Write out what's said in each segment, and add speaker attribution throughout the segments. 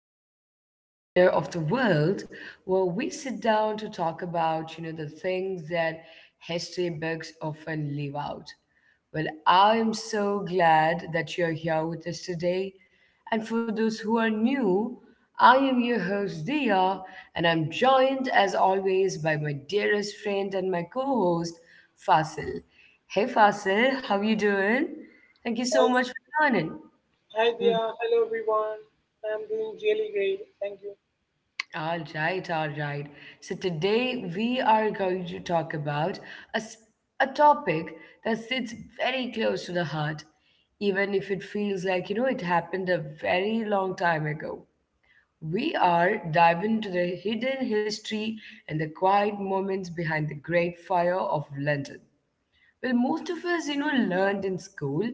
Speaker 1: back to our little corner of the world where we sit down to talk about, the things that history books often leave out. Well, I am so glad that you're here with us today. And for those who are new, I am your host, Dia, and I'm joined as always by my dearest friend and my co host, Fasil. Hey, Fasil, how you doing? Thank you so much for joining.
Speaker 2: hi
Speaker 1: Mm-hmm.
Speaker 2: Dia. Hello everyone. I'm doing really great. Thank you.
Speaker 1: All right, all right. So today we are going to talk about a, s- a topic that sits very close to the heart, even if it feels like, it happened a very long time ago. We are diving into the hidden history and the quiet moments behind the Great Fire of London. Well, most of us, learned in school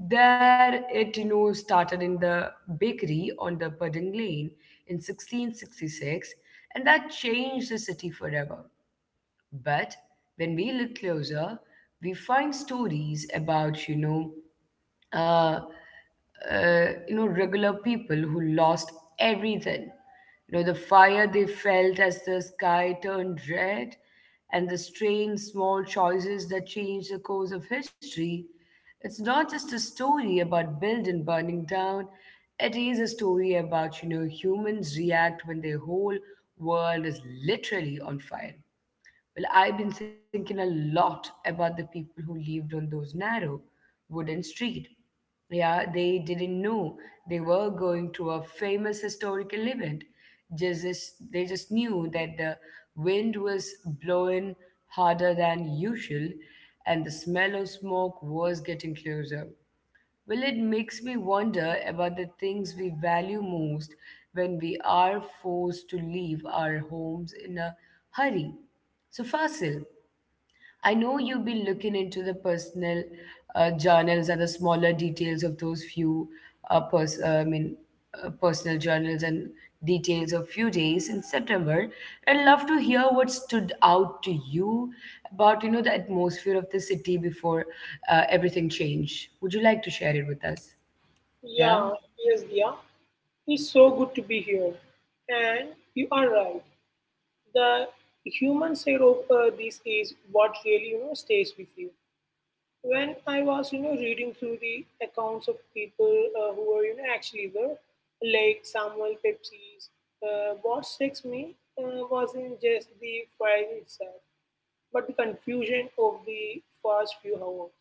Speaker 1: that it, started in the bakery on the Pudding Lane in 1666, and that changed the city forever. But when we look closer, we find stories about, uh, regular people who lost everything. You know, the fire they felt as the sky turned red and the strange small choices that changed the course of history. It's not just a story about building burning down. It is a story about, humans react when their whole world is literally on fire. Well, I've been thinking a lot about the people who lived on those narrow wooden street. Yeah, they didn't know they were going to a famous historical event. They just knew that the wind was blowing harder than usual and the smell of smoke was getting closer. Well, it makes me wonder about the things we value most when we are forced to leave our homes in a hurry. So, Fasil, I know you've been looking into the personal journals and the smaller details of those few uh, pers- uh, I mean, personal journals and details of few days in September. I'd love to hear what stood out to you about the atmosphere of the city before everything changed. Would you like to share it with us? Yeah.
Speaker 2: Yeah, yes, Dia. It's so good to be here. And you are right. The human side of this is what really stays with you. When I was reading through the accounts of people who were actually there, like Samuel Pepys, what strikes me wasn't just the fire itself, but the confusion of the first few hours.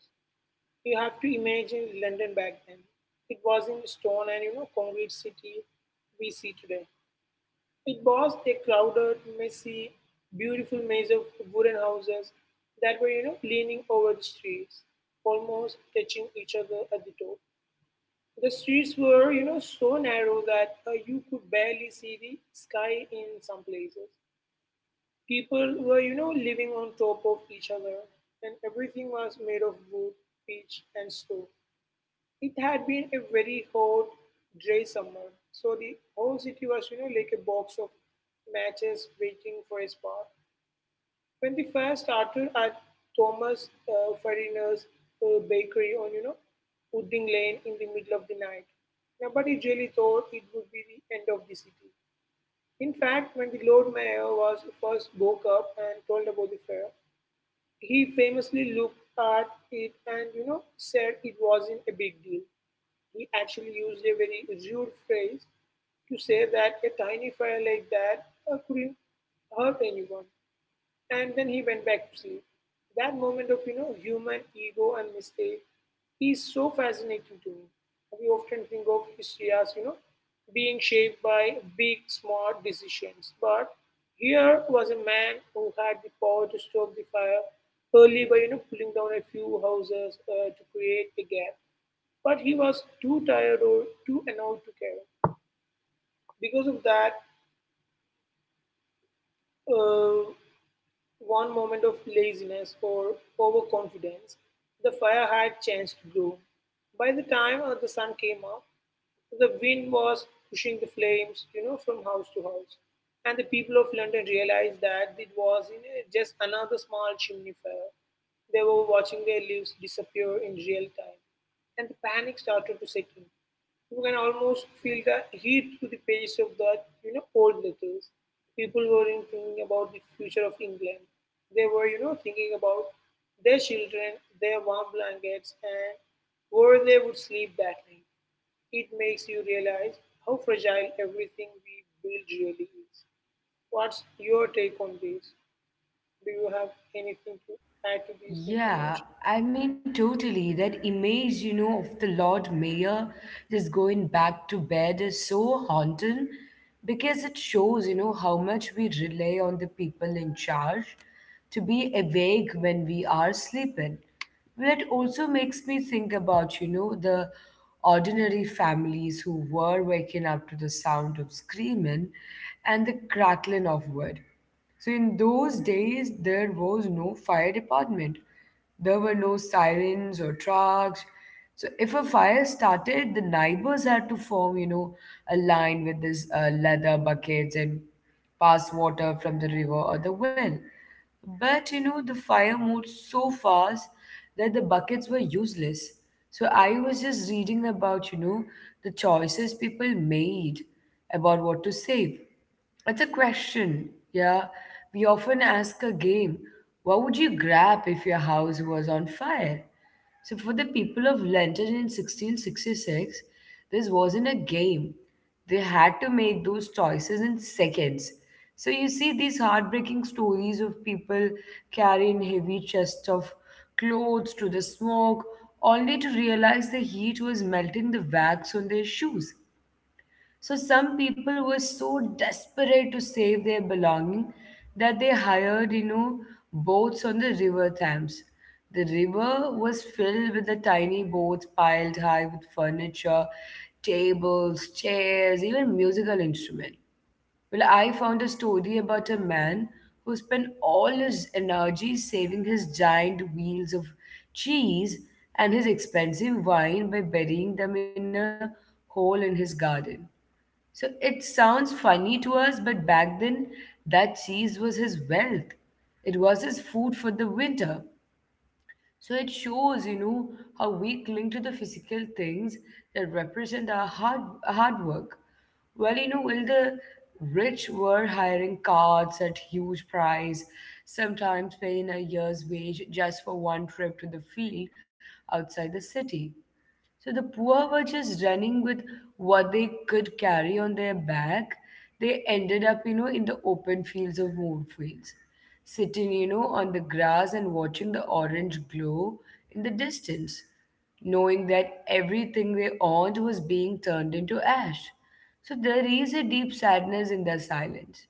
Speaker 2: You have to imagine London back then. It was in stone and concrete city we see today. It was a crowded, messy, beautiful maze of wooden houses that were leaning over the streets, almost touching each other at the top. The streets were so narrow that you could barely see the sky in some places. People were living on top of each other, and everything was made of wood, pitch, and stone. It had been a very hot, dry summer, so the whole city was, like a box of matches waiting for a spark. When the fire started at Thomas Fariner's bakery on Wooding Lane in the middle of the night, nobody really thought it would be the end of the city. In fact, when the Lord Mayor was first woke up and told about the fire, he famously looked at it and said it wasn't a big deal. He actually used a very rude phrase to say that a tiny fire like that couldn't hurt anyone, and then he went back to sleep. That moment of human ego and mistake is so fascinating to me. We often think of history as being shaped by big smart decisions, but here was a man who had the power to stop the fire early by pulling down a few houses to create a gap. But he was too tired or too annoyed to care. Because of that uh, one moment of laziness or overconfidence, the fire had chance to grow. By the time the sun came up, the wind was pushing the flames, from house to house, and the people of London realized that it was, just another small chimney fire. They were watching their lives disappear in real time, and the panic started to set in. You can almost feel the heat through the pages of that, old letters. People were in thinking about the future of England. They were, thinking about their children, their warm blankets, and where they would sleep that night. It makes you realize how fragile everything we build really is. What's your take on this? Do you have anything to add to this information?
Speaker 1: Yeah, totally. That image, of the Lord Mayor just going back to bed is so haunting because it shows, how much we rely on the people in charge to be awake when we are sleeping. Well, it also makes me think about, the ordinary families who were waking up to the sound of screaming and the crackling of wood. So in those days, there was no fire department. There were no sirens or trucks. So if a fire started, the neighbors had to form, a line with these leather buckets and pass water from the river or the well. But the fire moved so fast that the buckets were useless. So I was just reading about, the choices people made about what to save. That's a question. Yeah. We often ask a game, what would you grab if your house was on fire? So, for the people of London in 1666, this wasn't a game. They had to make those choices in seconds. So, you see these heartbreaking stories of people carrying heavy chests of clothes to the smoke, only to realize the heat was melting the wax on their shoes. So some people were so desperate to save their belonging that they hired, boats on the river Thames. The river was filled with the tiny boats piled high with furniture, tables, chairs, even musical instruments. Well, I found a story about a man who spent all his energy saving his giant wheels of cheese and his expensive wine by burying them in a hole in his garden. So it sounds funny to us, but back then, that cheese was his wealth. It was his food for the winter. So it shows, how we cling to the physical things that represent our hard, hard work. Well, the rich were hiring carts at huge price, sometimes paying a year's wage just for one trip to the field outside the city. So the poor were just running with what they could carry on their back. They ended up, in the open fields of Moorfields, sitting, on the grass and watching the orange glow in the distance, knowing that everything they owned was being turned into ash. So there is a deep sadness in their silence.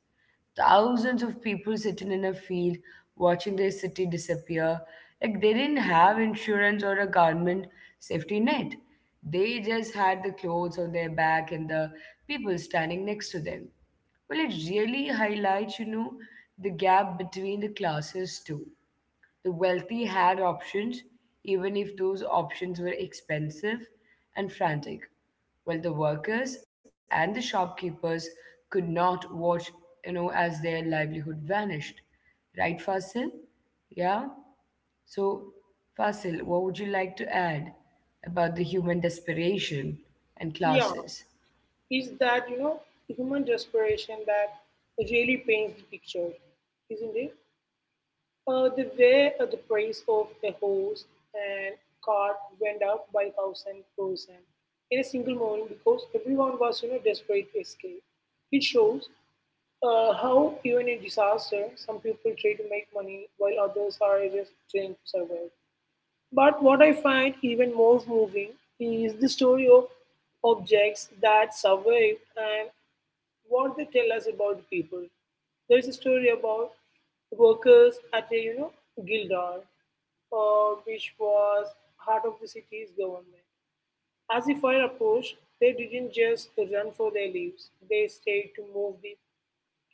Speaker 1: Thousands of people sitting in a field watching their city disappear. Like they didn't have insurance or a government safety net. They just had the clothes on their back and the people standing next to them. Well, it really highlights, the gap between the classes too. The wealthy had options, even if those options were expensive and frantic, while the workers and the shopkeepers could not watch, as their livelihood vanished. Right, Fasil? Yeah? So, Fasil, what would you like to add about the human desperation and
Speaker 2: Yeah,
Speaker 1: classes?
Speaker 2: is that, human desperation that really paints the picture, isn't it? The way the price of a horse and cart went up by 1,000% in a single morning because everyone was, desperate to escape. It shows how, even in disaster, some people try to make money while others are just trying to survive. But what I find even more moving is the story of objects that survive and what they tell us about the people. There is a story about workers at a Gildar, which was heart of the city's government. As the fire approached, they didn't just run for their lives; they stayed to move the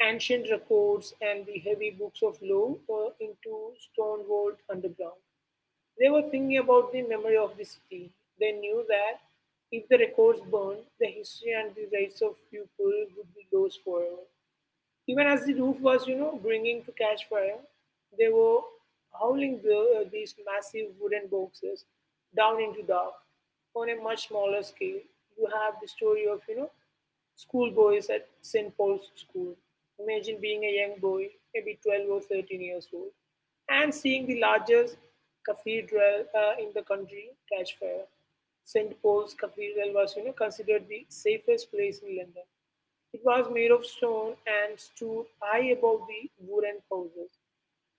Speaker 2: ancient records and the heavy books of law into stone walled underground. They were thinking about the memory of the city. They knew that if the records burned, the history and the rights of people would be lost forever. Even as the roof was, bringing to catch fire, they were howling the, these massive wooden boxes down into dark on a much smaller scale. You have the story of, schoolboys at St. Paul's School. Imagine being a young boy, maybe 12 or 13 years old, and seeing the largest cathedral in the country catch fire. St. Paul's Cathedral was, considered the safest place in London. It was made of stone and stood high above the wooden houses.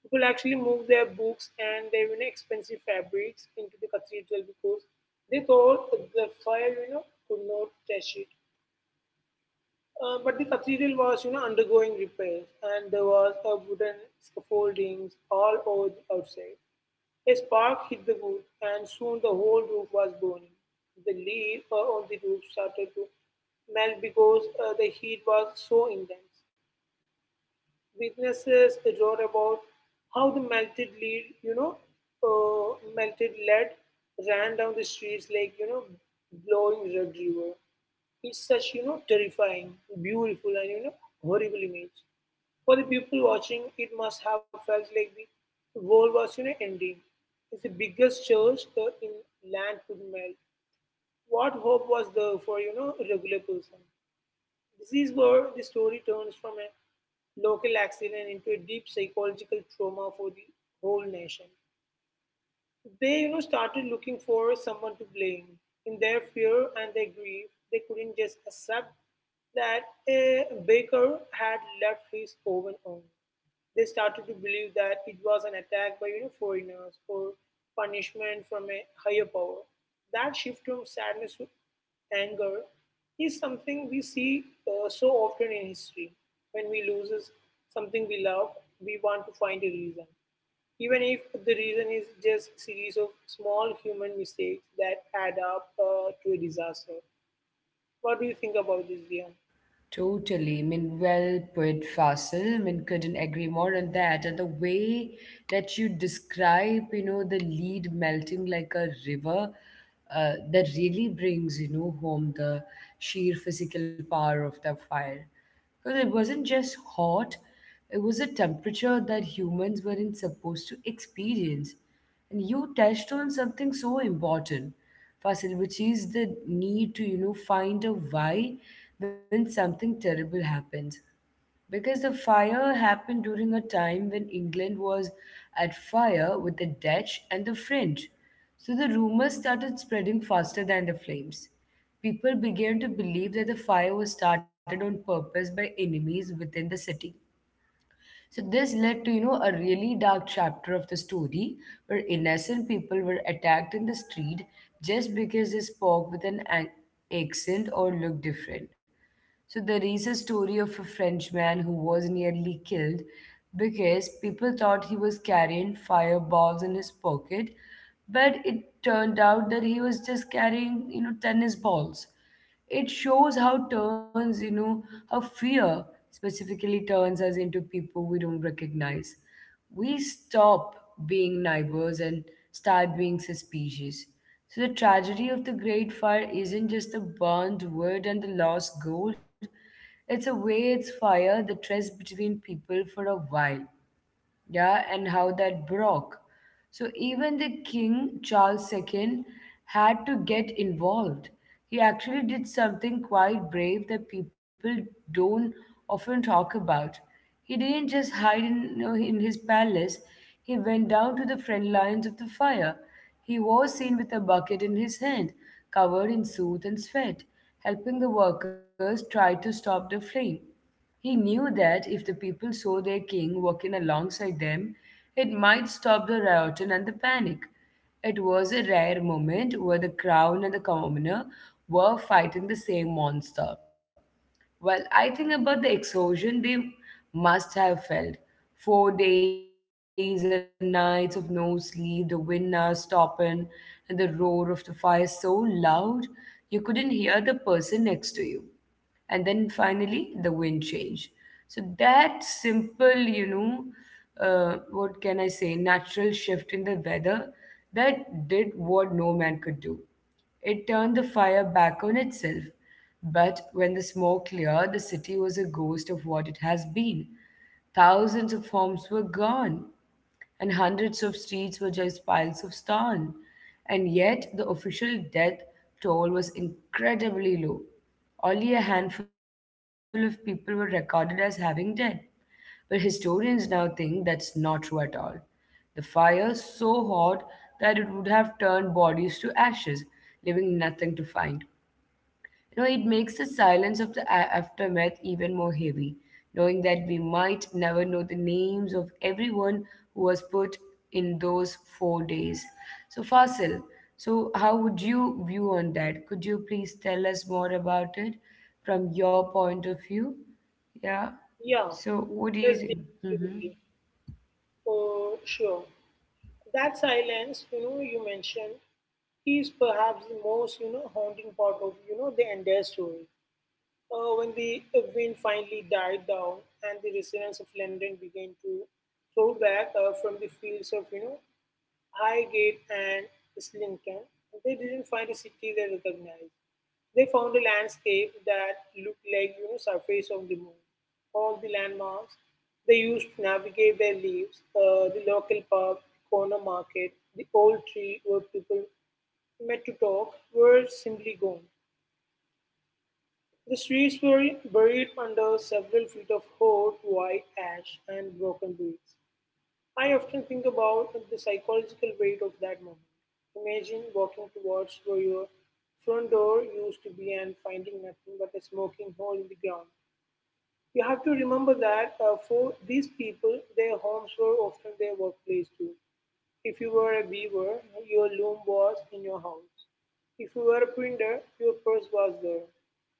Speaker 2: People actually moved their books and their, expensive fabrics into the cathedral because they thought the fire, could not touch it. But the cathedral was, undergoing repairs and there was a wooden scaffoldings all over the outside. A spark hit the wood and soon the whole roof was burning. The lead on the roof started to melt because the heat was so intense. Witnesses wrote about how the melted lead ran down the streets like, blowing red river. It's such, terrifying, beautiful and, horrible image. For the people watching, it must have felt like the world was, ending. It's the biggest church in land could melt. What hope was there for, a regular person? This is where the story turns from a local accident into a deep psychological trauma for the whole nation. They, started looking for someone to blame. In their fear and their grief, they couldn't just accept that a baker had left his oven on. They started to believe that it was an attack by foreigners or punishment from a higher power. That shift from sadness to anger is something we see so often in history. When we lose something we love, we want to find a reason. Even if the reason is just series of small human mistakes that add up to a disaster. What do you think about this, Dia?
Speaker 1: Totally. Well put, Fasil. Couldn't agree more on that. And the way that you describe, the lead melting like a river, that really brings, home the sheer physical power of the fire. Because it wasn't just hot, it was a temperature that humans weren't supposed to experience. And you touched on something so important, Fasil, which is the need to, find a why when something terrible happens. Because the fire happened during a time when England was at fire with the Dutch and the French. So the rumors started spreading faster than the flames. People began to believe that the fire was started on purpose by enemies within the city. So this led to, a really dark chapter of the story where innocent people were attacked in the street just because they spoke with accent or looked different. So there is a story of a Frenchman who was nearly killed because people thought he was carrying fireballs in his pocket, but it turned out that he was just carrying, tennis balls. It shows how turns, how fear specifically turns us into people we don't recognize. We stop being neighbors and start being suspicious. So the tragedy of the Great Fire isn't just the burned wood and the lost gold. It's a way it's fire that rests between people for a while yeah, and how that broke. So even the King Charles II had to get involved. He actually did something quite brave that people don't often talk about. He didn't just hide in, in his palace, he went down to the front lines of the fire. He was seen with a bucket in his hand, covered in soot and sweat, helping the workers try to stop the flame. He knew that if the people saw their king walking alongside them, it might stop the rioting and the panic. It was a rare moment where the crown and the commoner were fighting the same monster. Well, I think about the exhaustion they must have felt. Four days and nights of no sleep, the wind now stopping, and the roar of the fire so loud you couldn't hear the person next to you and then finally the wind change so that simple what can I say natural shift in the weather that did what no man could do it turned the fire back on itself. But when the smoke cleared, the city was a ghost of what it has been. Thousands of homes were gone, and hundreds of streets were just piles of stone. And yet, the official death toll was incredibly low. Only a handful of people were recorded as having died. But historians now think that's not true at all. The fire so hot that it would have turned bodies to ashes, leaving nothing to find. You know, it makes the silence of the aftermath even more heavy, knowing that we might never know the names of everyone who was put in those four days. So, Fasil, so how would you view on that? Could you please tell us more about it from your point of view? Yeah.
Speaker 2: Yeah,
Speaker 1: So, what do you
Speaker 2: yes, Diya,
Speaker 1: think? Mm-hmm.
Speaker 2: absolutely. Oh, sure. That silence, you mentioned, is perhaps the most, haunting part of, the entire story. When the wind finally died down and the residents of London began to throw back from the fields of, Highgate and Islington, they didn't find a city they recognized. They found a landscape that looked like surface of the moon. All the landmarks they used to navigate their lives, the local pub, the corner market, the old tree where people met to talk were simply gone. The streets were buried under several feet of hot white ash and broken bricks. I often think about the psychological weight of that moment. Imagine walking towards where your front door used to be and finding nothing but a smoking hole in the ground. You have to remember that, for these people, their homes were often their workplace too. If you were a weaver, your loom was in your house. If you were a printer, your purse was there.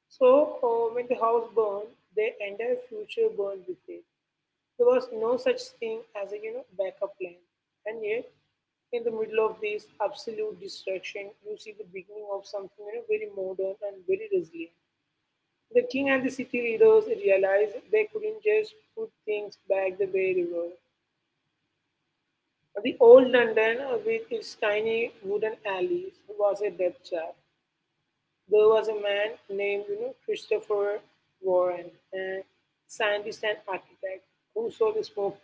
Speaker 2: So when the house burned, their entire future burned with it. There was no such thing as a backup plan, and yet in the middle of this absolute destruction, you see the beginning of something very modern and very resilient. The king and the city leaders realized they couldn't just put things back the way they were. The old London, with its tiny wooden alleys, was a death trap. There was a man named Christopher Warren, a scientist and architect, who saw the smoke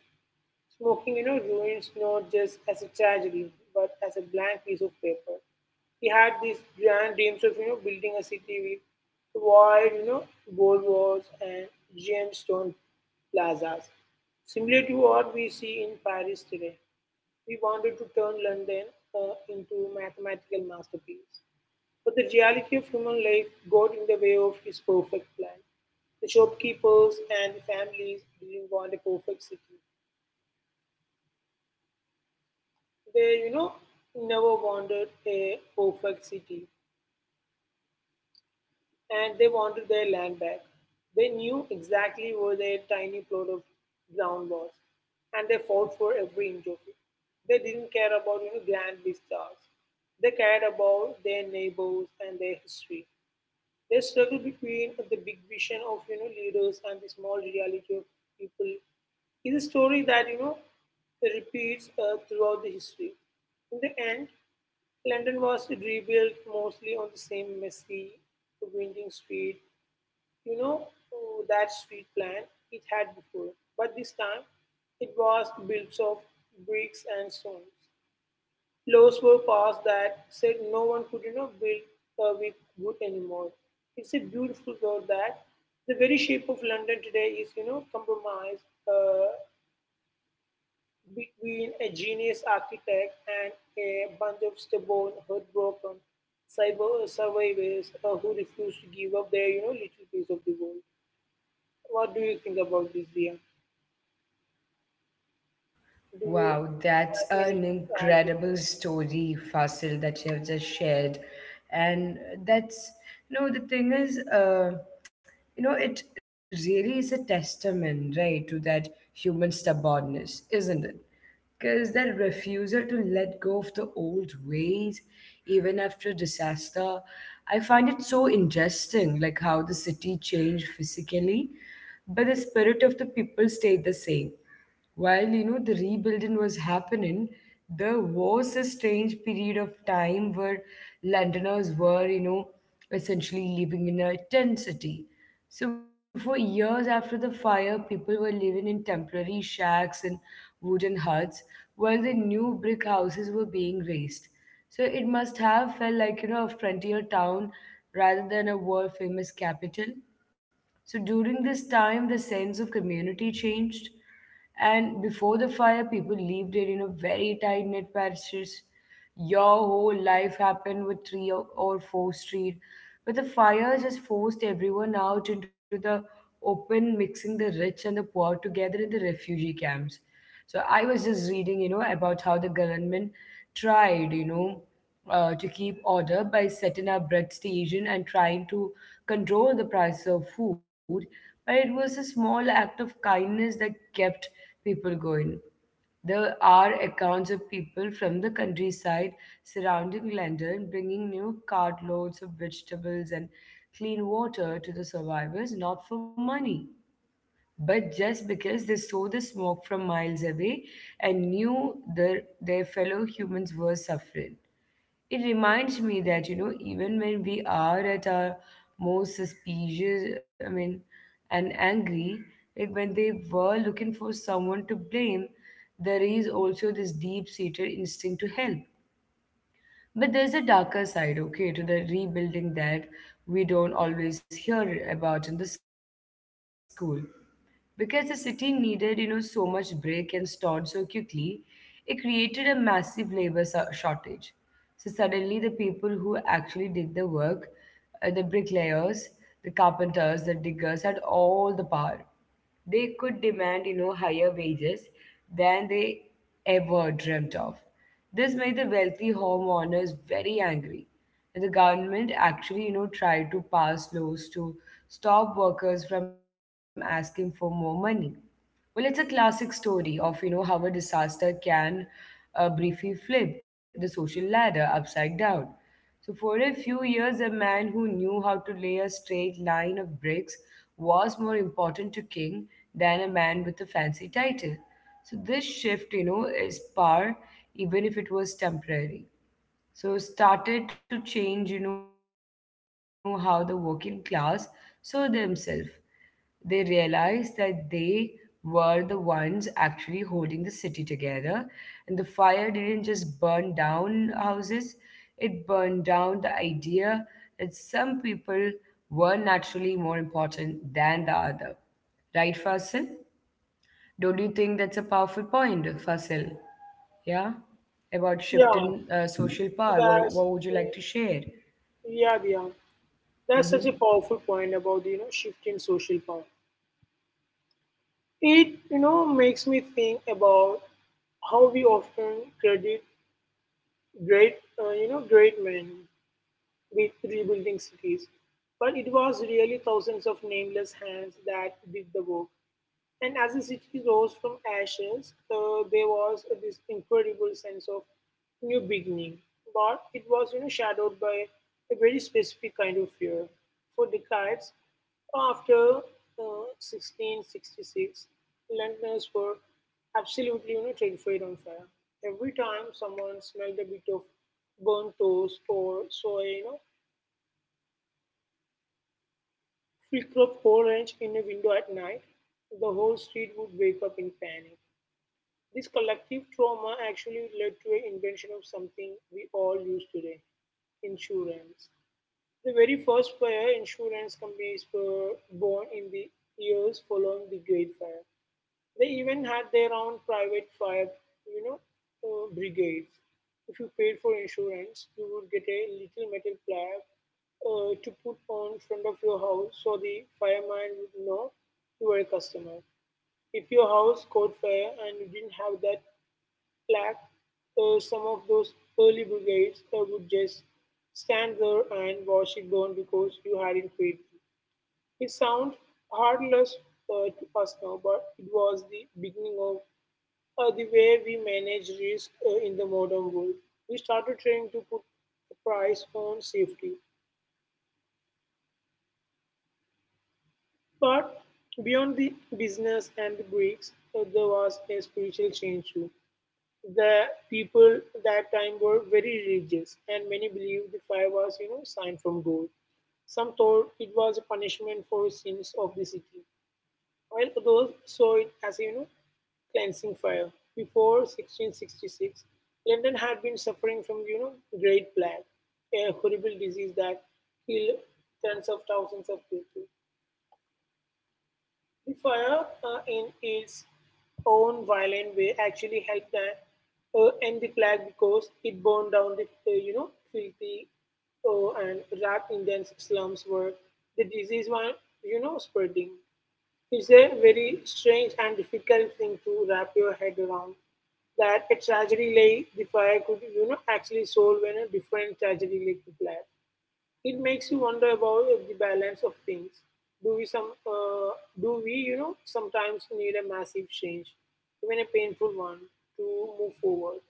Speaker 2: Smoking, you know, ruins not just as a tragedy, but as a blank piece of paper. He had these grand dreams of, building a city with wide, boulevard and gemstone plazas, similar to what we see in Paris today. We wanted to turn London into a mathematical masterpiece. But the reality of human life got in the way of his perfect plan. The shopkeepers and the families didn't want a perfect city. They, you know, never wanted a perfect city and they wanted their land back. They knew exactly where their tiny plot of ground was and they fought for every inch of it. They didn't care about, grand vistas. They cared about their neighbors and their history. They struggle between the big vision of leaders and the small reality of people is a story that repeats throughout the history. In the end, London was rebuilt mostly on the same messy, winding street, that street plan it had before. But this time, it was built of bricks and stones. Laws were passed that said no one could build with wood anymore. It's a beautiful thought that the very shape of London today is compromised between a genius architect and a bunch of stubborn, heartbroken cyber survivors who refuse to give up their little piece of the world. What do you think about this, Dia? Do you
Speaker 1: Wow, that's
Speaker 2: have anything
Speaker 1: an
Speaker 2: to add?
Speaker 1: incredible story, Fasil, that you have just shared. And that's, you know, the thing is, you know, it really is a testament, right, to that human stubbornness, isn't it? Because that refusal to let go of the old ways, even after disaster, I find it so interesting, like how the city changed physically, but the spirit of the people stayed the same while the rebuilding was happening, there was a strange period of time where Londoners were, essentially living in a tent city. So for years after the fire, people were living in temporary shacks and wooden huts while the new brick houses were being raised. So it must have felt like, you know, a frontier town rather than a world famous capital. So during this time, the sense of community changed. And before the fire, people lived it in a very tight knit patches. Your whole life happened with three or four street. But the fire just forced everyone out into the open, mixing the rich and the poor together in the refugee camps. So I was just reading, you know, about how the government tried, to keep order by setting up bread station and trying to control the price of food, but it was a small act of kindness that kept people going. There are accounts of people from the countryside surrounding London bringing new cartloads of vegetables and clean water to the survivors, not for money, but just because they saw the smoke from miles away and knew their fellow humans were suffering. It reminds me that, you know, even when we are at our most suspicious, I mean, and angry, like when they were looking for someone to blame, there is also this deep seated instinct to help. But there's a darker side, okay, to the rebuilding that we don't always hear about in the school, because the city needed, you know, so much brick and stored so quickly. It created a massive labor shortage. So suddenly the people who actually did the work, the bricklayers, the carpenters, the diggers, had all the power. They could demand, you know, higher wages than they ever dreamt of. This made the wealthy homeowners very angry, and the government actually, you know, tried to pass laws to stop workers from asking for more money. Well, it's a classic story of, you know, how a disaster can briefly flip the social ladder upside down. So, for a few years, a man who knew how to lay a straight line of bricks was more important to king than a man with a fancy title. So this shift, you know, is power, even if it was temporary, so started to change, you know, how the working class saw themselves. They realized that they were the ones actually holding the city together, and the fire didn't just burn down houses, it burned down the idea that some people were naturally more important than the other. Right, Fasil? Don't you think that's a powerful point, Fasil? Yeah, about shift
Speaker 2: Yeah,
Speaker 1: in social power. What
Speaker 2: that's
Speaker 1: would you like to
Speaker 2: uh,
Speaker 1: share?
Speaker 2: yeah, Dia. That's such
Speaker 1: Mm-hmm.
Speaker 2: a powerful point about the shift in social power. It makes me think about how we often credit great you know great men with rebuilding cities, but it was really thousands of nameless hands that did the work. And as the city rose from ashes, there was this incredible sense of new beginning. But it was shadowed by a very specific kind of fear. For decades after 1666, Londoners were absolutely terrified on fire. Every time someone smelled a bit of burnt toast or saw a flicker of orange in a window at night, the whole street would wake up in panic. This collective trauma actually led to an invention of something we all use today insurance. The very first fire insurance companies were born in the years following the Great Fire. They even had their own private fire, you know, brigades. If you paid for insurance, you would get a little metal plaque to put on front of your house so the fireman would know you were a customer. If your house caught fire and you didn't have that flag, some of those early brigades would just stand there and watch it burn because you hadn't paid them. It sounds heartless to us now, but it was the beginning of the way we manage risk in the modern world. We started trying to put a price on safety. But beyond the business and the bricks, there was a spiritual change too. The people that time were very religious, and many believed the fire was sign from god. Some thought it was a punishment for sins of the city, while others saw it as a cleansing fire. Before 1666, London had been suffering from great plague, a horrible disease that killed tens of thousands of people. Fire, in its own violent way, actually helped that, end the plague, because it burned down the, filthy and rat Indian slums where the disease was, spreading. It's a very strange and difficult thing to wrap your head around. That a tragedy like the fire could, actually solve when a different tragedy like the plague. It makes you wonder about the balance of things. Do we some uh, do we sometimes need a massive change, even a painful one, to move forward?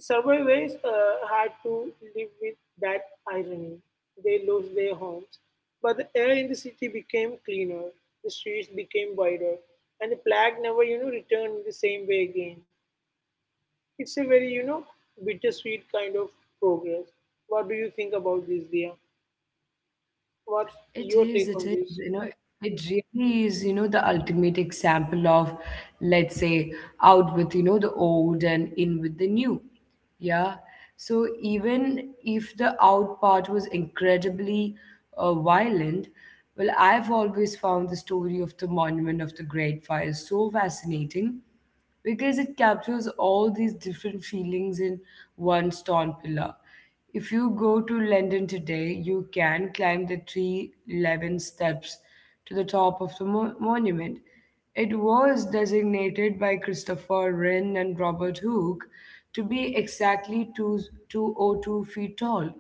Speaker 2: Survivors had to live with that irony. They lost their homes, but the air in the city became cleaner, the streets became wider, and the plague never returned in the same way again. It's a very bittersweet kind of progress. What do you think about this, dear? What's
Speaker 1: It
Speaker 2: your
Speaker 1: is,
Speaker 2: take
Speaker 1: it
Speaker 2: on
Speaker 1: is,
Speaker 2: this?
Speaker 1: you know, it really is, you know, the ultimate example of, let's say, out with, you know, the old and in with the new. Yeah. So even if the out part was incredibly violent, well, I've always found the story of the Monument of the Great Fire so fascinating because it captures all these different feelings in one stone pillar. If you go to London today, you can climb the 311 steps to the top of the monument. It was designated by Christopher Wren and Robert Hooke to be exactly 202 feet tall,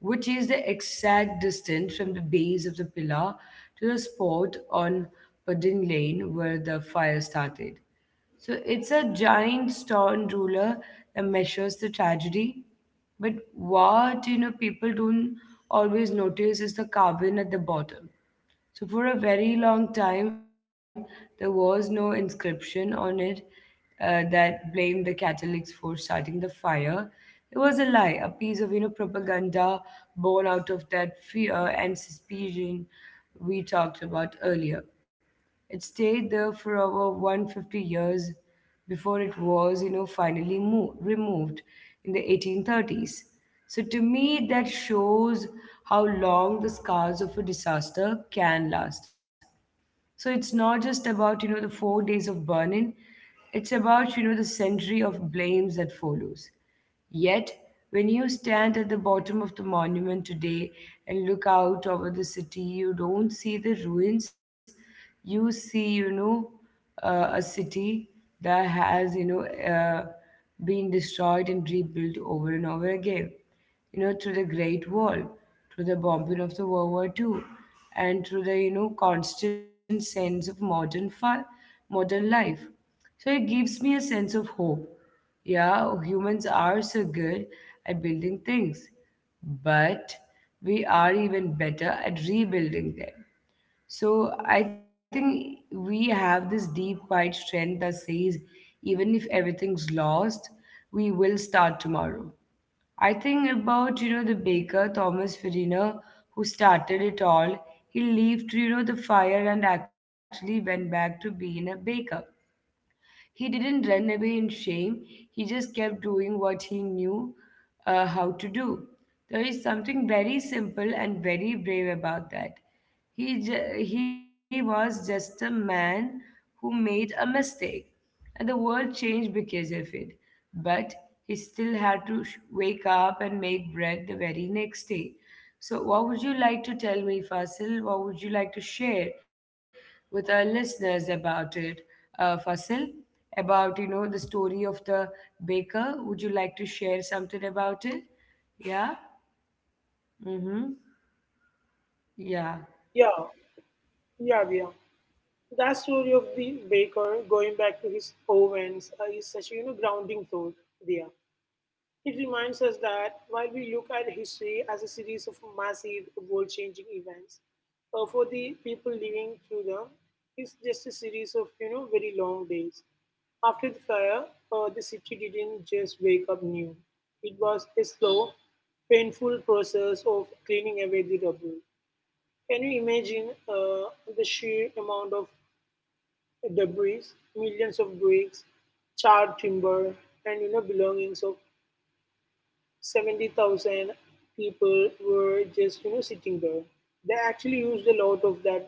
Speaker 1: which is the exact distance from the base of the pillar to the spot on Pudding Lane where the fire started. So it's a giant stone ruler that measures the tragedy. But what, you know, people don't always notice is the carving at the bottom. So, for a very long time, there was no inscription on it that blamed the Catholics for starting the fire. It was a lie, a piece of, you know, propaganda born out of that fear and suspicion we talked about earlier. It stayed there for over 150 years before it was, you know, finally removed in the 1830s. So to me, that shows how long the scars of a disaster can last. So it's not just about, you know, the 4 days of burning. It's about, you know, the century of blames that follows. Yet, when you stand at the bottom of the monument today and look out over the city, you don't see the ruins. You see, you know, a city that has, you know, been destroyed and rebuilt over and over again. You know, through the Great Wall, through the bombing of the World War Two, and through the, you know, constant sense of modern life. So it gives me a sense of hope. Yeah, humans are so good at building things, but we are even better at rebuilding them. So I think we have this deep, quiet strength that says even if everything's lost, we will start tomorrow. I think about, you know, the baker, Thomas Farina, who started it all. He left, you know, the fire and actually went back to being a baker. He didn't run away in shame, he just kept doing what he knew how to do. There is something very simple and very brave about that. He was just a man who made a mistake, and the world changed because of it. But he still had to wake up and make bread the very next day. So, what would you like to tell me, Fasil? What would you like to share with our listeners about it? Fasil, about, you know, the story of the baker. Would you like to share something about it? Yeah. Mm-hmm. Yeah.
Speaker 2: Yeah, yeah, yeah. That story of the baker going back to his ovens is such a grounding thought there. It reminds us that while we look at history as a series of massive world-changing events, for the people living through them, it's just a series of very long days. After the fire, the city didn't just wake up new. It was a slow, painful process of cleaning away the rubble. Can you imagine the sheer amount of debris, millions of bricks, charred timber, and belongings of 70,000 people were just sitting there. They actually used a lot of that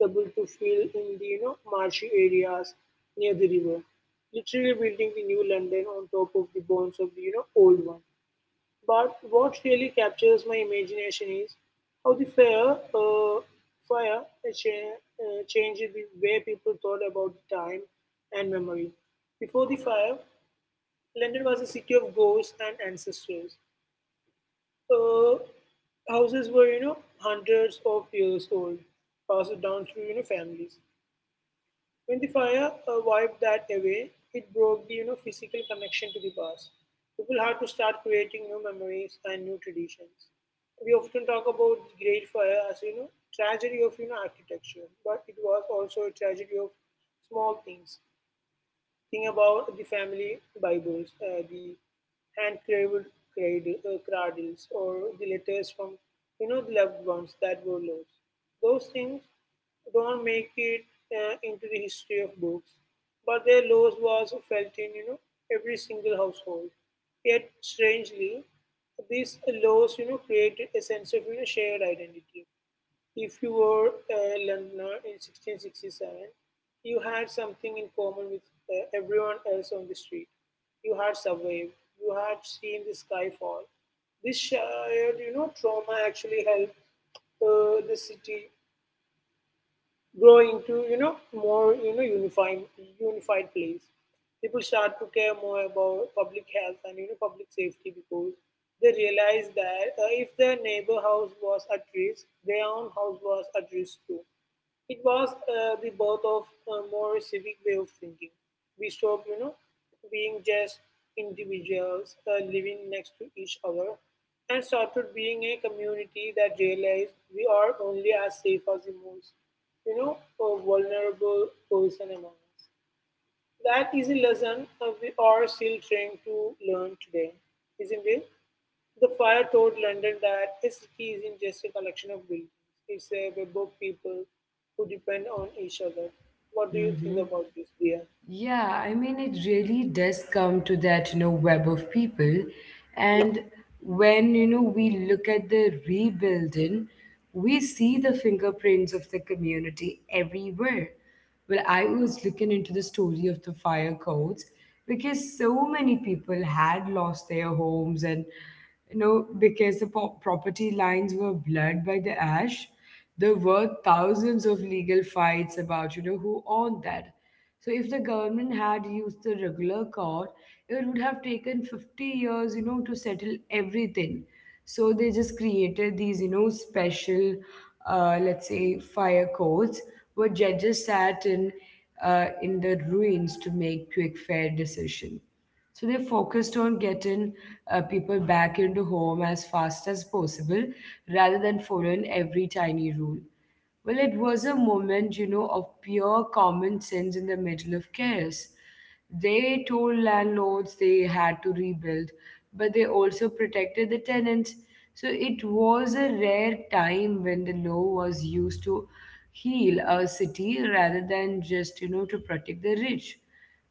Speaker 2: rubble to fill in the marshy areas near the river, literally building the new London on top of the bones of the old one. But what really captures my imagination is how the fire changed the way people thought about time and memory. Before the fire, London was a city of ghosts and ancestors. Uh, Houses were, hundreds of years old, passed down through, families. When the fire wiped that away, it broke the physical connection to the past. People had to start creating new memories and new traditions. We often talk about the Great Fire as tragedy of architecture, but it was also a tragedy of small things. Think about the family Bibles, the hand-carved cradles, or the letters from the loved ones that were lost. Those things don't make it into the history of books, but their loss was felt in every single household. Yet strangely, this loss created a sense of shared identity. If you were a Londoner in 1667, you had something in common with everyone else on the street. You had survived, you had seen the sky fall. This shared, trauma actually helped the city grow into more unified place. People start to care more about public health and public safety because they realize that if their neighbor house was at risk, their own house was at risk too. It was the birth of a more civic way of thinking. We stopped, being just individuals living next to each other and started being a community that realized we are only as safe as the most, vulnerable person among us. That is a lesson we are still trying to learn today, isn't it? The fire taught London that a city isn't just a collection of buildings, it's a web of people who depend on each other. What do you think
Speaker 1: Mm-hmm.
Speaker 2: about this, dear?
Speaker 1: Yeah, I mean, it really does come to that, you know, web of people.
Speaker 2: Yeah,
Speaker 1: And when, you know, we look at the rebuilding, we see the fingerprints of the community everywhere. Well, I was looking into the story of the fire codes because so many people had lost their homes and, you know, because the property lines were blurred by the ash, there were thousands of legal fights about, you know, who owned that. So if the government had used the regular court, it would have taken 50 years, you know, to settle everything. So they just created these, you know, special, let's say, fire courts where judges sat in the ruins to make quick, fair decision. So they focused on getting people back into home as fast as possible rather than following every tiny rule. Well, it was a moment, you know, of pure common sense in the middle of chaos. They told landlords they had to rebuild, but they also protected the tenants. So it was a rare time when the law was used to heal a city rather than just, you know, to protect the rich.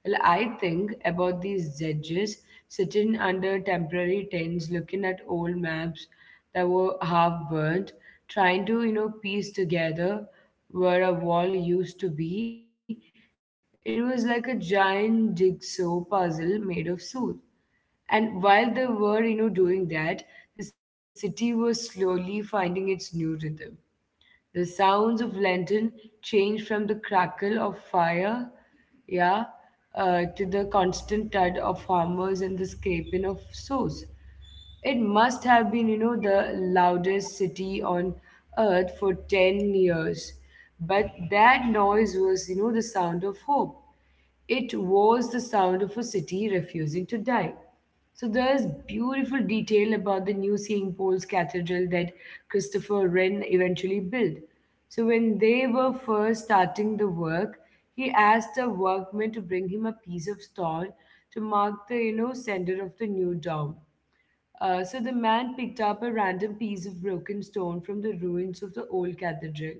Speaker 1: Well, I think about these judges sitting under temporary tents looking at old maps that were half burnt, trying to, you know, piece together where a wall used to be. It was like a giant jigsaw puzzle made of soot. And while they were, you know, doing that, the city was slowly finding its new rhythm. The sounds of lantern change from the crackle of fire, yeah, to the constant thud of hammers and the scraping of swords. It must have been, you know, the loudest city on earth for 10 years. But that noise was, you know, the sound of hope. It was the sound of a city refusing to die. So there's beautiful detail about the new St. Paul's Cathedral that Christopher Wren eventually built. So when they were first starting the work, he asked a workman to bring him a piece of stone to mark the, you know, center of the new dome. So the man picked up a random piece of broken stone from the ruins of the old cathedral.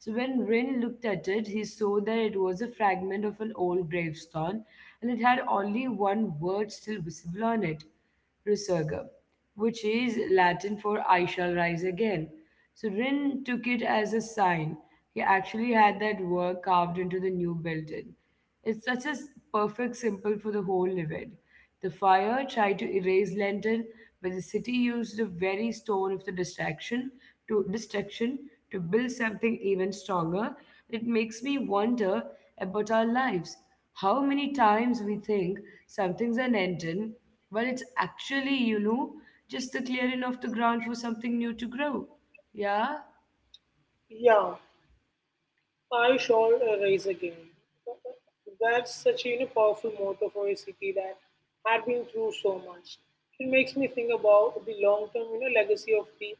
Speaker 1: So when Rin looked at it, he saw that it was a fragment of an old gravestone, and it had only one word still visible on it, resurga, which is Latin for I shall rise again. So Rin took it as a sign. He actually had that word carved into the new building. It's such a perfect symbol for the whole event. The fire tried to erase London, but the city used the very stone of the distraction to destruction to build something even stronger. It makes me wonder about our lives. How many times we think something's an ending, but it's actually, you know, just the clearing of the ground for something new to grow. Yeah.
Speaker 2: yeah. I shall rise again. That's such a powerful motto for a city that had been through so much. It makes me think about the long-term legacy of the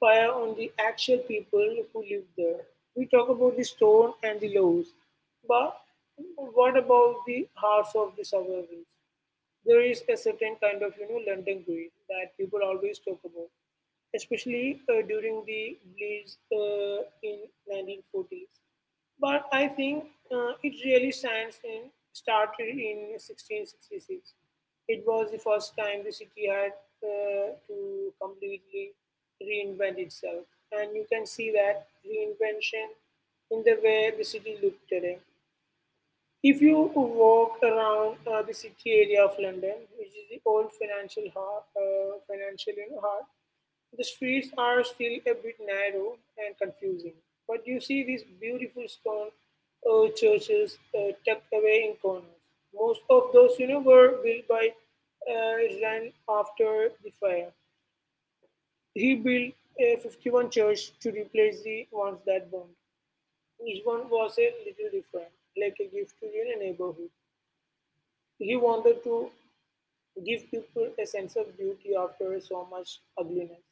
Speaker 2: fire on the actual people who live there. We talk about the stone and the laws, but what about the hearts of the survivors? There is a certain kind of London greed that people always talk about, especially during the Blitz in 1940s. But I think it really stands in started in 1666. It was the first time the city had to completely reinvent itself, and you can see that reinvention in the way the city looked today. If you walk around the city area of London, which is the old financial you know, heart, the streets are still a bit narrow and confusing. But you see these beautiful stone churches tucked away in corners. Most of those, were built by uh, Ran after the fire. He built a 51 church to replace the ones that burned. Each one was a little different, like a gift to your neighborhood. He wanted to give people a sense of beauty after so much ugliness.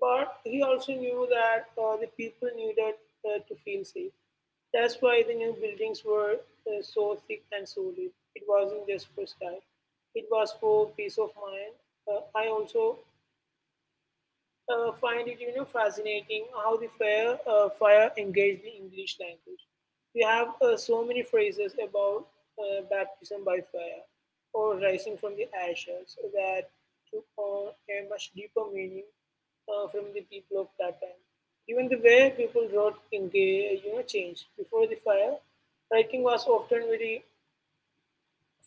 Speaker 2: But he also knew that the people needed to feel safe. That's why the new buildings were so thick and solid. It wasn't just for style, it was for peace of mind. I also find it fascinating how the fire engaged the English language. We have so many phrases about baptism by fire or rising from the ashes that took on a much deeper meaning from the people of that time. Even the way people wrote in the changed. Before the fire, writing was often very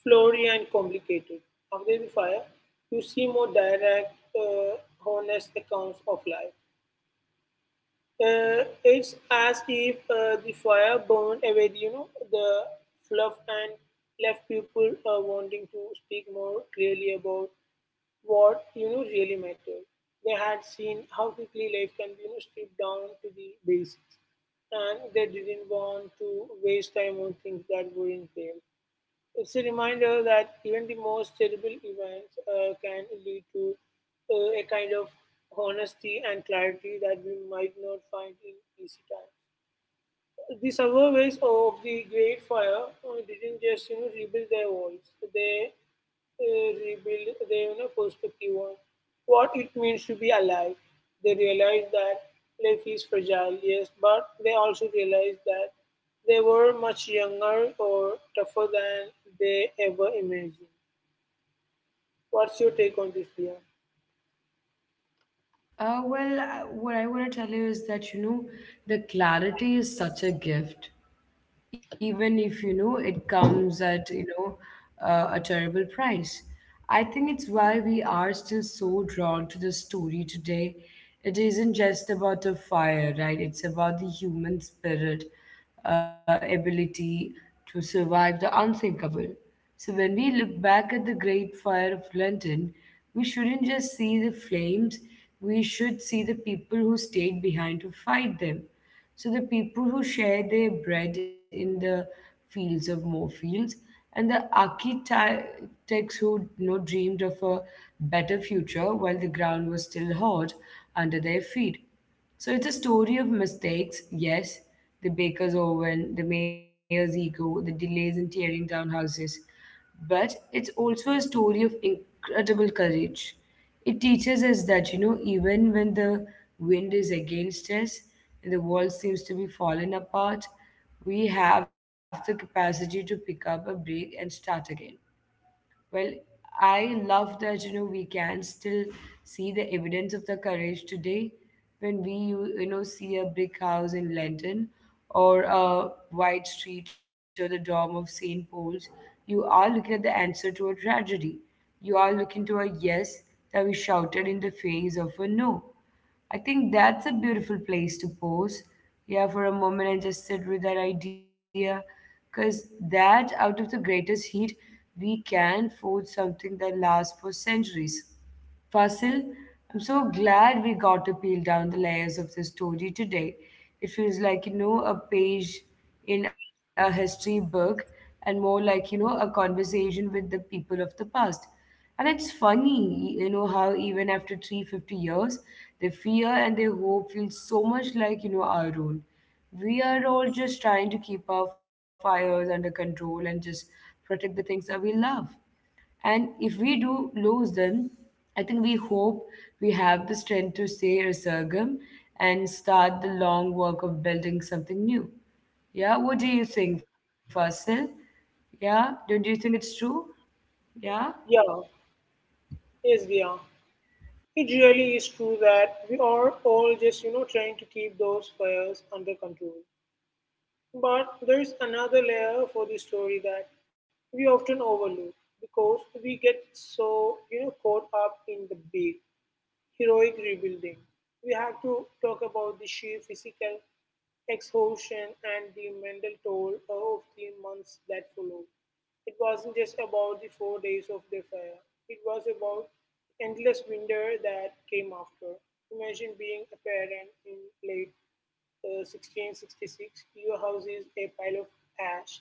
Speaker 2: flowery and complicated. After the fire, you see more direct, honest accounts of life. It's as if the fire burned away, the fluff and left people wanting to speak more clearly about what really mattered. They had seen how quickly life can be stripped down to the basics, and they didn't want to waste time on things that weren't there. It's a reminder that even the most terrible events can lead to a kind of honesty and clarity that we might not find in easy time. The survivors of the Great Fire didn't just rebuild their walls; they rebuild their perspective on what it means to be alive. They realized that life is fragile, yes, but they also realized that they were much younger or tougher than they ever imagined. What's your take on this, Dia?
Speaker 1: Well, what I want to tell you is that, you know, the clarity is such a gift. Even if it comes at a terrible price. I think it's why we are still so drawn to the story today. It isn't just about a fire, right? It's about the human spirit, ability to survive the unthinkable. So when we look back at the Great Fire of London, we shouldn't just see the flames, we should see the people who stayed behind to fight them. So the people who share their bread in the fields of More Fields, and the architects who, dreamed of a better future while the ground was still hot under their feet. So it's a story of mistakes, yes, the baker's oven, the mayor's ego, the delays in tearing down houses, but it's also a story of incredible courage. It teaches us that, even when the wind is against us and the world seems to be falling apart, we have the capacity to pick up a break and start again. Well, I love that we can still see the evidence of the courage today, when we see a brick house in London or a wide street or the dome of St. Paul's. You are looking at the answer to a tragedy. You are looking to a yes that we shouted in the face of a no. I think that's a beautiful place to pause. Yeah, for a moment, and just sit with that idea. Because that, out of the greatest heat, we can forge something that lasts for centuries. Fasil, I'm so glad we got to peel down the layers of this story today. It feels like, a page in a history book, and more like, a conversation with the people of the past. And it's funny, how even after 350 years, their fear and their hope feel so much like, our own. We are all just trying to keep our fires under control, and just protect the things that we love. And if we do lose them, I think we hope we have the strength to say resurgam and start the long work of building something new. Yeah, what do you think, Fasil? Yeah, don't you think it's true? Yeah.
Speaker 2: Yeah, yes, Dia. It really is true that we are all just, trying to keep those fires under control. But there is another layer for the story that we often overlook because we get so caught up in the big heroic rebuilding, we have to talk about the sheer physical exhaustion and the mental toll of the months that followed. It wasn't just about the 4 days of the fire, it was about endless winter that came after. Imagine being a parent in late 1666, your house is a pile of ash,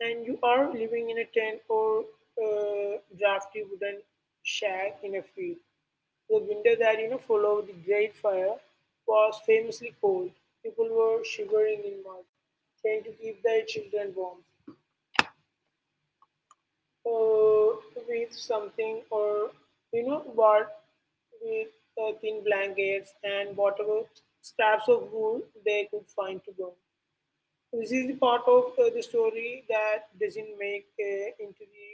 Speaker 2: and you are living in a tent or drafty wooden shack in a field. The winter that followed the Great Fire was famously cold. People were shivering in mud, trying to keep their children warm uh, with something or you know what with thin blankets and whatever scraps of wood they could find to burn. This is the part of the story that doesn't make into the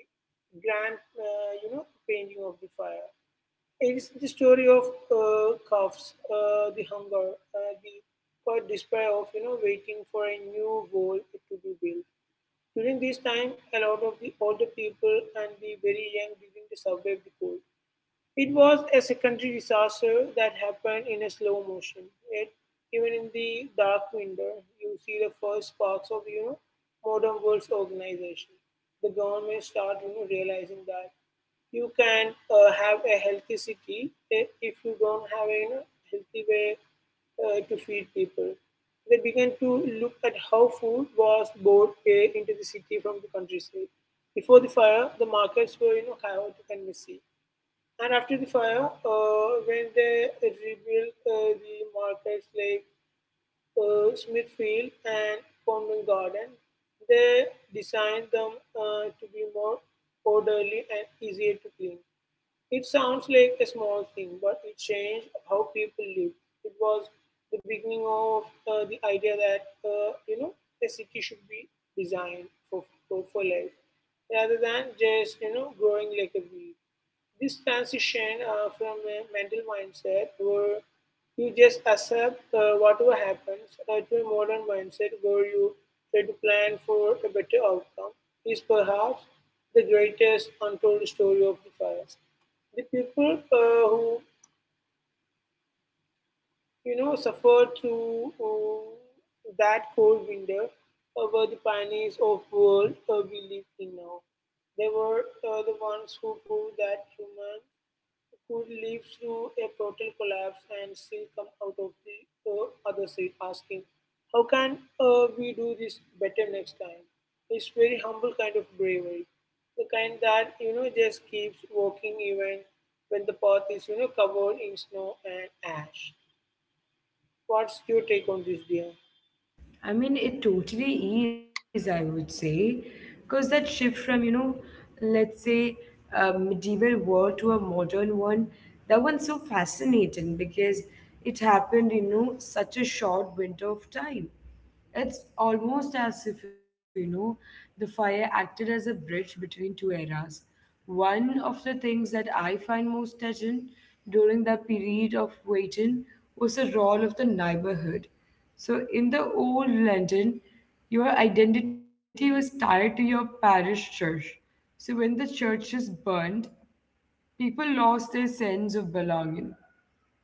Speaker 2: grand painting of the fire. It's the story of calves, the hunger, the quiet despair of waiting for a new wall to be built. During this time, a lot of the older people and the very young did the survive the cold. It was a secondary disaster that happened in a slow motion. Yet, even in the dark window, you see the first sparks of modern world's organization. The government start realizing that you can have a healthy city if you don't have a healthy way to feed people. They began to look at how food was bought into the city from the countryside. Before the fire, the markets were chaotic and messy. And after the fire, when they rebuilt the markets like Smithfield and Covent Garden, they designed them to be more orderly and easier to clean. It sounds like a small thing, but it changed how people live. It was the beginning of the idea that a city should be designed for life, rather than just growing like a weed. This transition from a mental mindset where you just accept whatever happens to a modern mindset where you try to plan for a better outcome is perhaps the greatest untold story of the fire. The people who suffered through that cold winter were the pioneers of world we live in now. They were the ones who proved that human could live through a total collapse and still come out of the other side asking, "How can we do this better next time?" It's very humble kind of bravery. The kind that, just keeps walking even when the path is, covered in snow and ash. What's your take on this, dear?
Speaker 1: I mean, it totally is, I would say, because that shift from, let's say a medieval world to a modern one, that one's so fascinating because it happened in, such a short window of time. It's almost as if, the fire acted as a bridge between two eras. One of the things that I find most touching during that period of waiting was the role of the neighborhood. So, in the old London, your identity was tied to your parish church. So, when the churches burned, people lost their sense of belonging.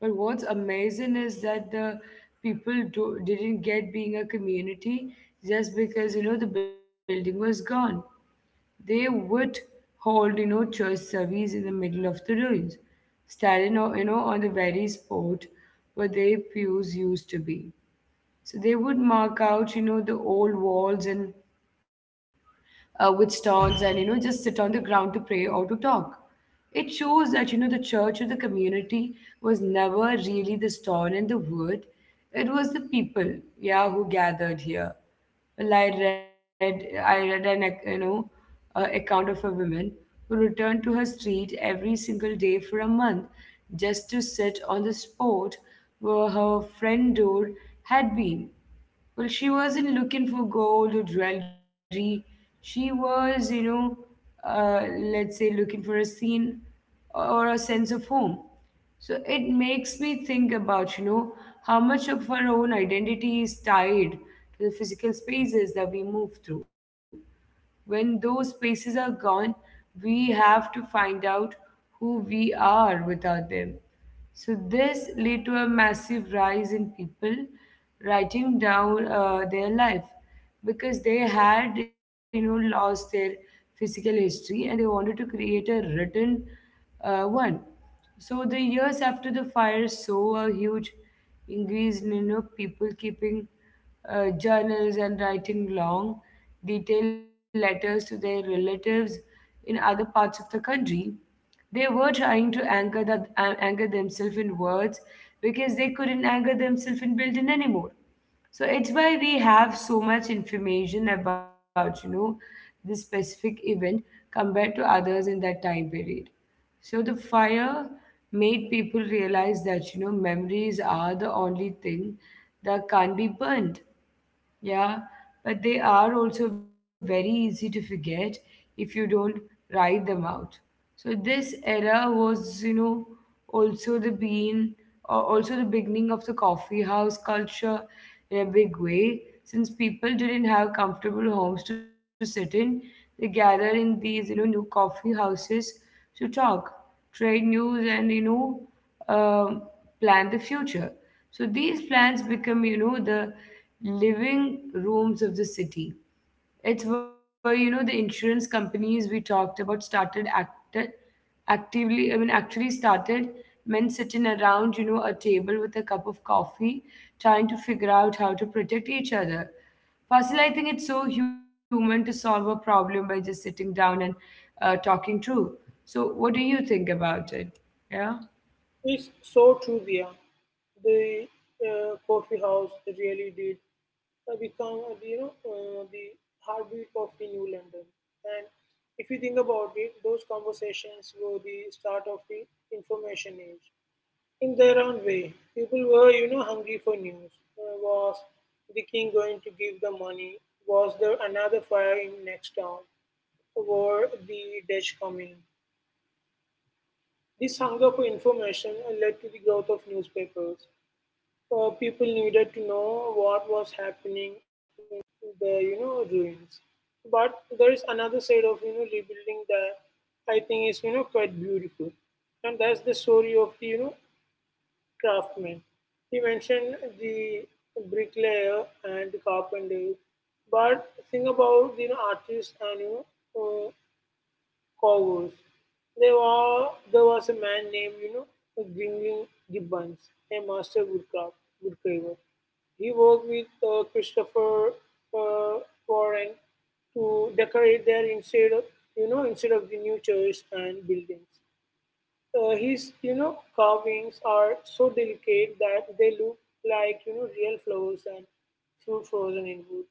Speaker 1: But what's amazing is that the didn't get being a community just because the building was gone. They would hold church service in the middle of the ruins, standing on the very spot where their pews used to be. So they would mark out, the old walls, and with stones, and just sit on the ground to pray or to talk. It shows that the church or the community was never really the stone and the wood. It was the people, yeah, who gathered here. Well, I read an account of a woman who returned to her street every single day for a month, just to sit on the spot where her friend door had been. Well, she wasn't looking for gold or jewelry. She was, let's say looking for a scene or a sense of home. So it makes me think about, how much of our own identity is tied to the physical spaces that we move through. When those spaces are gone, we have to find out who we are without them. So this led to a massive rise in people writing down their life, because they had lost their physical history, and they wanted to create a written one. So the years after the fire saw a huge increase in people keeping journals and writing long, detailed letters to their relatives in other parts of the country. They were trying to anchor themselves in words, because they couldn't anchor themselves in building anymore. So it's why we have so much information about, this specific event compared to others in that time period. So the fire made people realize that, memories are the only thing that can't be burnt. Yeah, but they are also very easy to forget if you don't write them out. So this era was, also the bean, or also the beginning of the coffee house culture in a big way. Since people didn't have comfortable homes to sit in, they gathered in these, new coffee houses to talk, trade news, and um, plan the future. So these plans become, the living rooms of the city. It's where, the insurance companies we talked about started acted actively, actually started, men sitting around, a table with a cup of coffee, trying to figure out how to protect each other. Firstly, I think it's so human to solve a problem by just sitting down and talking through. So, what do you think about it? Yeah.
Speaker 2: It's so true, Via. The coffee house really did become the heartbeat of the New London. And if you think about it, those conversations were the start of the information age. In their own way, people were, hungry for news. Was the king going to give the money? Was there another fire in next town? Were the Dutch coming? This hunger for information led to the growth of newspapers. People needed to know what was happening in the ruins. But there is another side of rebuilding that I think is quite beautiful, and that's the story of the craftsman. He mentioned the bricklayer and the carpenter, but think about the artist and uh, cowboys. There was a man named, Grinling Gibbons, a master woodcarver. He worked with Christopher uh, Warren to decorate their instead of the new church and buildings. His carvings are so delicate that they look like real flowers and fruit frozen in wood.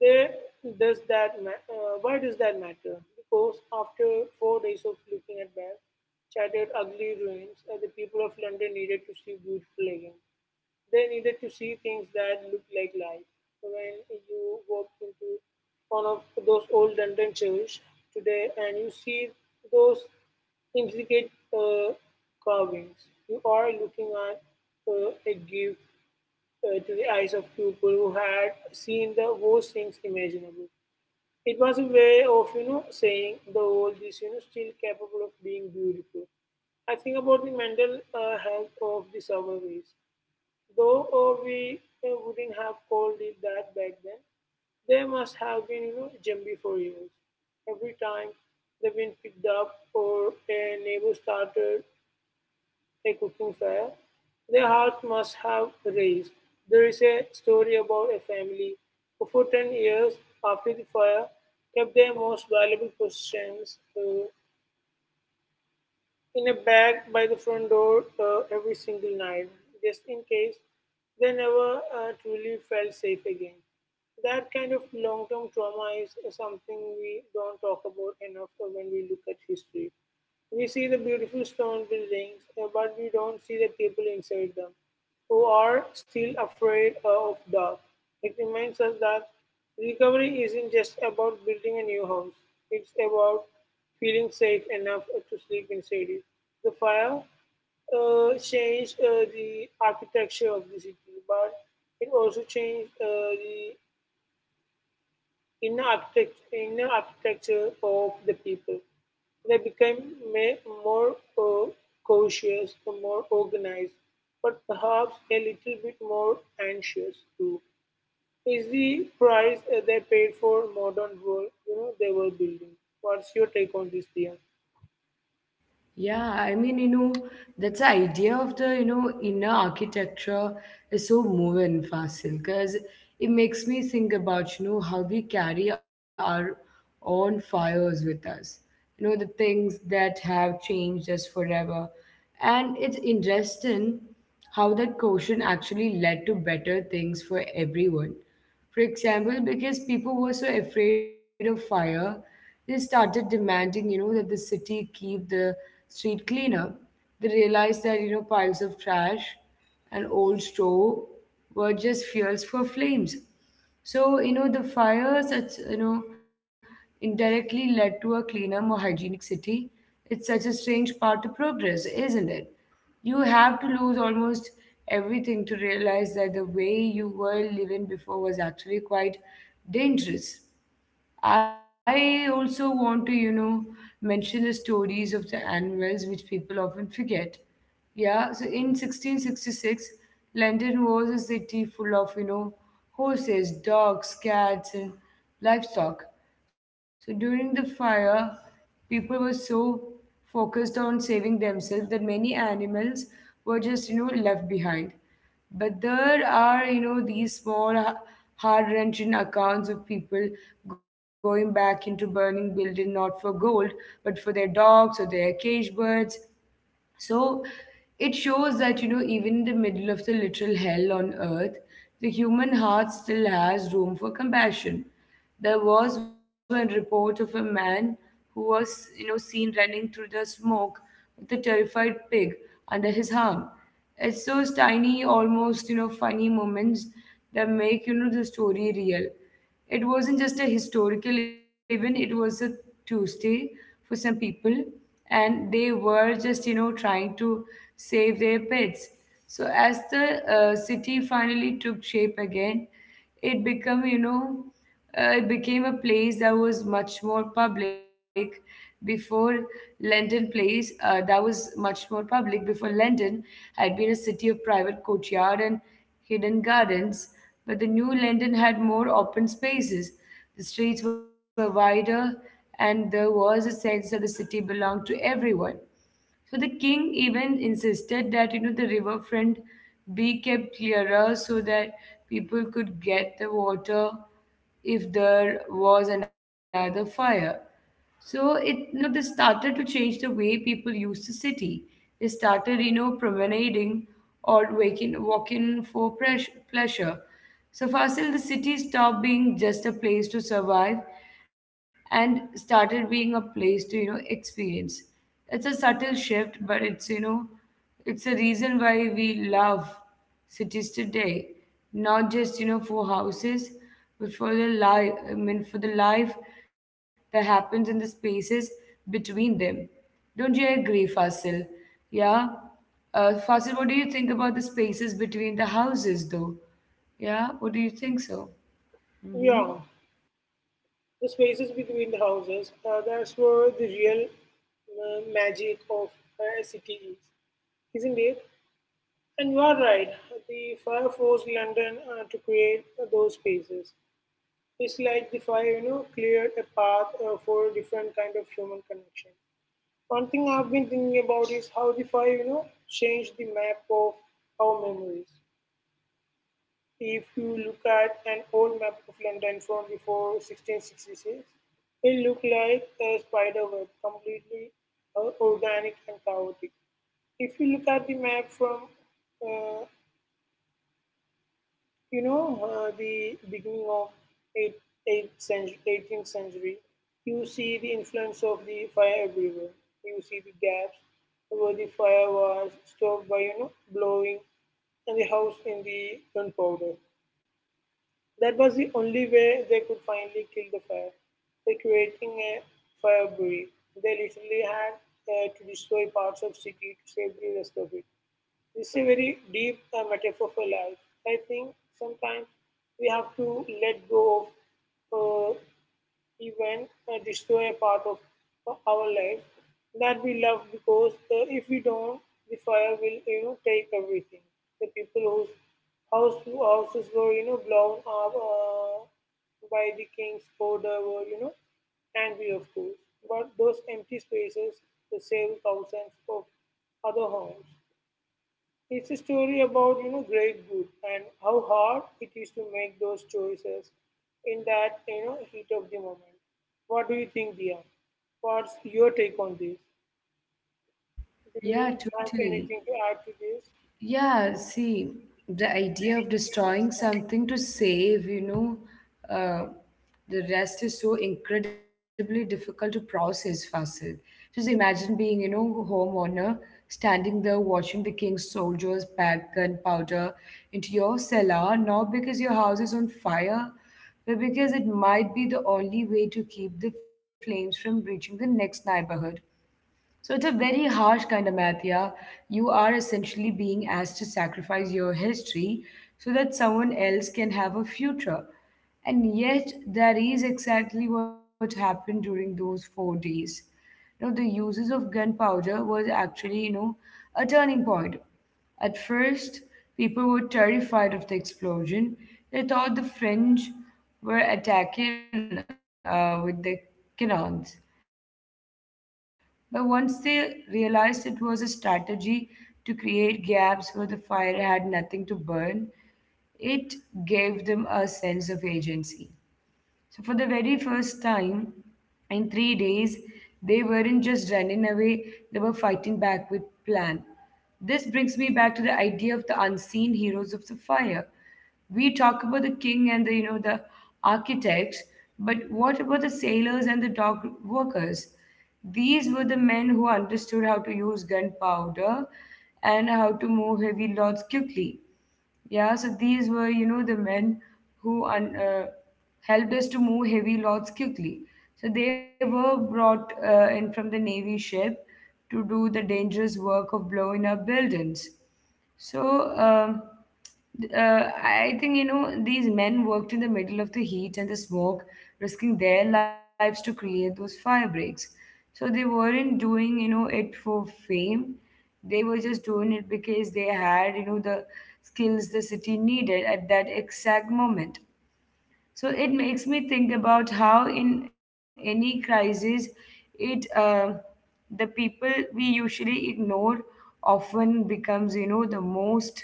Speaker 2: There why does that matter? Because after four days of looking at that shattered ugly ruins, the people of London needed to see beautiful again. They needed to see things that looked like life. So when you walk into one of those old London churches today and you see those intricate carvings, you are looking at a gift to the eyes of people who had seen the worst things imaginable. It was a way of, saying the world is, still capable of being beautiful. I think about the mental health of the survivors. Though we wouldn't have called it that back then. They must have been, jumpy for years. Every time they've been picked up or a neighbor started a cooking fire, their hearts must have raised. There is a story about a family who, for 10 years after the fire, kept their most valuable possessions, in a bag by the front door every single night, just in case. They never truly felt safe again. That kind of long term trauma is something we don't talk about enough when we look at history. We see the beautiful stone buildings, but we don't see the people inside them who are still afraid of dark. It reminds us that recovery isn't just about building a new house, it's about feeling safe enough to sleep inside it. The fire changed the architecture of the city, but it also changed the inner architecture of the people. They became may, more uh, cautious, more organized, but perhaps a little bit more anxious too. Is the price they paid for modern world they were building? What's your take on this, Dia?
Speaker 1: Yeah, I mean, that's the idea of the, inner architecture is so moving, Fasil, because it makes me think about, how we carry our own fires with us. You know, the things that have changed us forever. And it's interesting how that quotient actually led to better things for everyone. For example, because people were so afraid of fire, they started demanding, that the city keep the street cleaner. They realized that, piles of trash and old straw were just fuels for flames. So, the fires, indirectly led to a cleaner, more hygienic city. It's such a strange part of progress, isn't it? You have to lose almost everything to realize that the way you were living before was actually quite dangerous. I also want to, mention the stories of the animals which people often forget. Yeah, so in 1666, London was a city full of, horses, dogs, cats, and livestock. So during the fire, people were so focused on saving themselves that many animals were just, left behind. But there are, these small, heart-wrenching accounts of people going back into burning building, not for gold, but for their dogs or their cage birds. So it shows that, even in the middle of the literal hell on earth, the human heart still has room for compassion. There was one report of a man who was, seen running through the smoke with a terrified pig under his arm. It's those tiny, almost, funny moments that make, the story real. It wasn't just a historical event, it was a Tuesday for some people, and they were just, trying to save their pets. So, as the city finally took shape again, it became, it became a place that was much more public before London place that was much more public. Before, London had been a city of private courtyard and hidden gardens, but the new London had more open spaces. The streets were wider, and there was a sense that the city belonged to everyone. So the king even insisted that the riverfront be kept clearer, so that people could get the water if there was another fire. So this started to change the way people use the city. They started, promenading, or walking for pleasure. So Fasil, the city stopped being just a place to survive and started being a place to, experience. It's a subtle shift, but it's a reason why we love cities today, not just for houses, but for the life. For the life that happens in the spaces between them. Don't you agree, Fasil? Yeah. Fasil, what do you think about the spaces between the houses, though? Yeah, what do you think so?
Speaker 2: Yeah,
Speaker 1: Mm-hmm.
Speaker 2: the spaces between the houses, that's where the real magic of a city is, isn't it? And you are right, the fire forced London to create those spaces. It's like the fire, cleared a path for a different kind of human connection. One thing I've been thinking about is how the fire, changed the map of our memories. If you look at an old map of London from before 1666, it looked like a spider web, completely organic and chaotic. If you look at the map from uh, the beginning of 8th, 8th century, 18th century, you see the influence of the fire everywhere. You see the gaps where the fire was stopped by, blowing and the house in the gunpowder. That was the only way they could finally kill the fire. By creating a fire break, they literally had to destroy parts of city to save the rest of it. It's a very deep metaphor for life. I think sometimes we have to let go of even destroy a part of our life that we love because if we don't, the fire will take everything. The people whose houses were blown up by the king's order were angry of course, but those empty spaces they save thousands of other homes. It's a story about great good and how hard it is to make those choices in that heat of the moment. What do you think, Dia? What's your take on this? Do you
Speaker 1: Yeah,
Speaker 2: have
Speaker 1: totally.
Speaker 2: anything to add to this?
Speaker 1: Yeah, see, the idea of destroying something to save, uh, the rest is so incredibly difficult to process, Fasil. Just imagine being, homeowner, standing there watching the king's soldiers pack gunpowder into your cellar, not because your house is on fire, but because it might be the only way to keep the flames from reaching the next neighborhood. So it's a very harsh kind of math, yeah. You are essentially being asked to sacrifice your history, so that someone else can have a future. And yet, that is exactly what happened during those 4 days. You know, the uses of gunpowder was actually, a turning point. At first, people were terrified of the explosion. They thought the French were attacking with the cannons. But once they realized it was a strategy to create gaps where the fire had nothing to burn, it gave them a sense of agency. So for the very first time in 3 days, they weren't just running away, they were fighting back with plan. This brings me back to the idea of the unseen heroes of the fire. We talk about the king and the you know the architects, but what about the sailors and the dock workers? These were the men who understood how to use gunpowder and how to move heavy loads quickly. Yeah, so these were, the men who helped us to move heavy loads quickly. So they were brought in from the Navy ship to do the dangerous work of blowing up buildings. So, I think, these men worked in the middle of the heat and the smoke, risking their lives to create those fire breaks. So they weren't doing, it for fame. They were just doing it because they had, the skills the city needed at that exact moment. So it makes me think about how, in any crisis, it the people we usually ignore often becomes, the most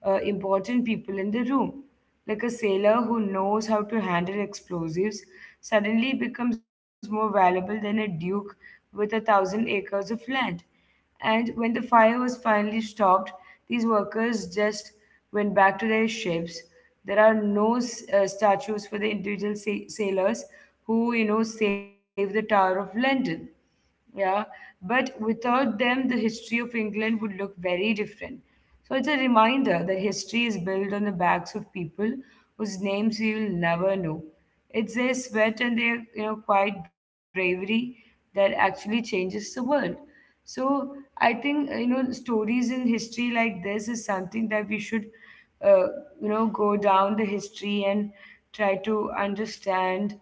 Speaker 1: important people in the room. Like a sailor who knows how to handle explosives suddenly becomes more valuable than a duke with a thousand acres of land. And when the fire was finally stopped, these workers just went back to their ships. There are no statues for the individual sailors who, saved the Tower of London. Yeah, but without them, the history of England would look very different. So it's a reminder that history is built on the backs of people whose names we will never know. It's their sweat and their, quiet bravery that actually changes the world. So I think, stories in history like this is something that we should, uh, go down the history and try to understand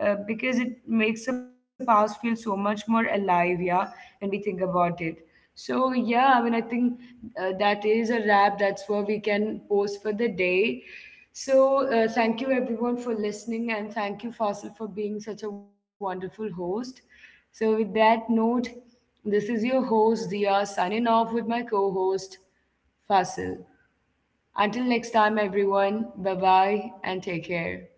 Speaker 1: because it makes the past feel so much more alive, yeah, when we think about it. So, yeah, I mean, I think that is a wrap. That's where we can post for the day. So, thank you everyone for listening, and thank you, Fasil, for being such a wonderful host. So, with that note, this is your host, Dia, signing off with my co host, Fasil. Until next time, everyone, bye bye and take care.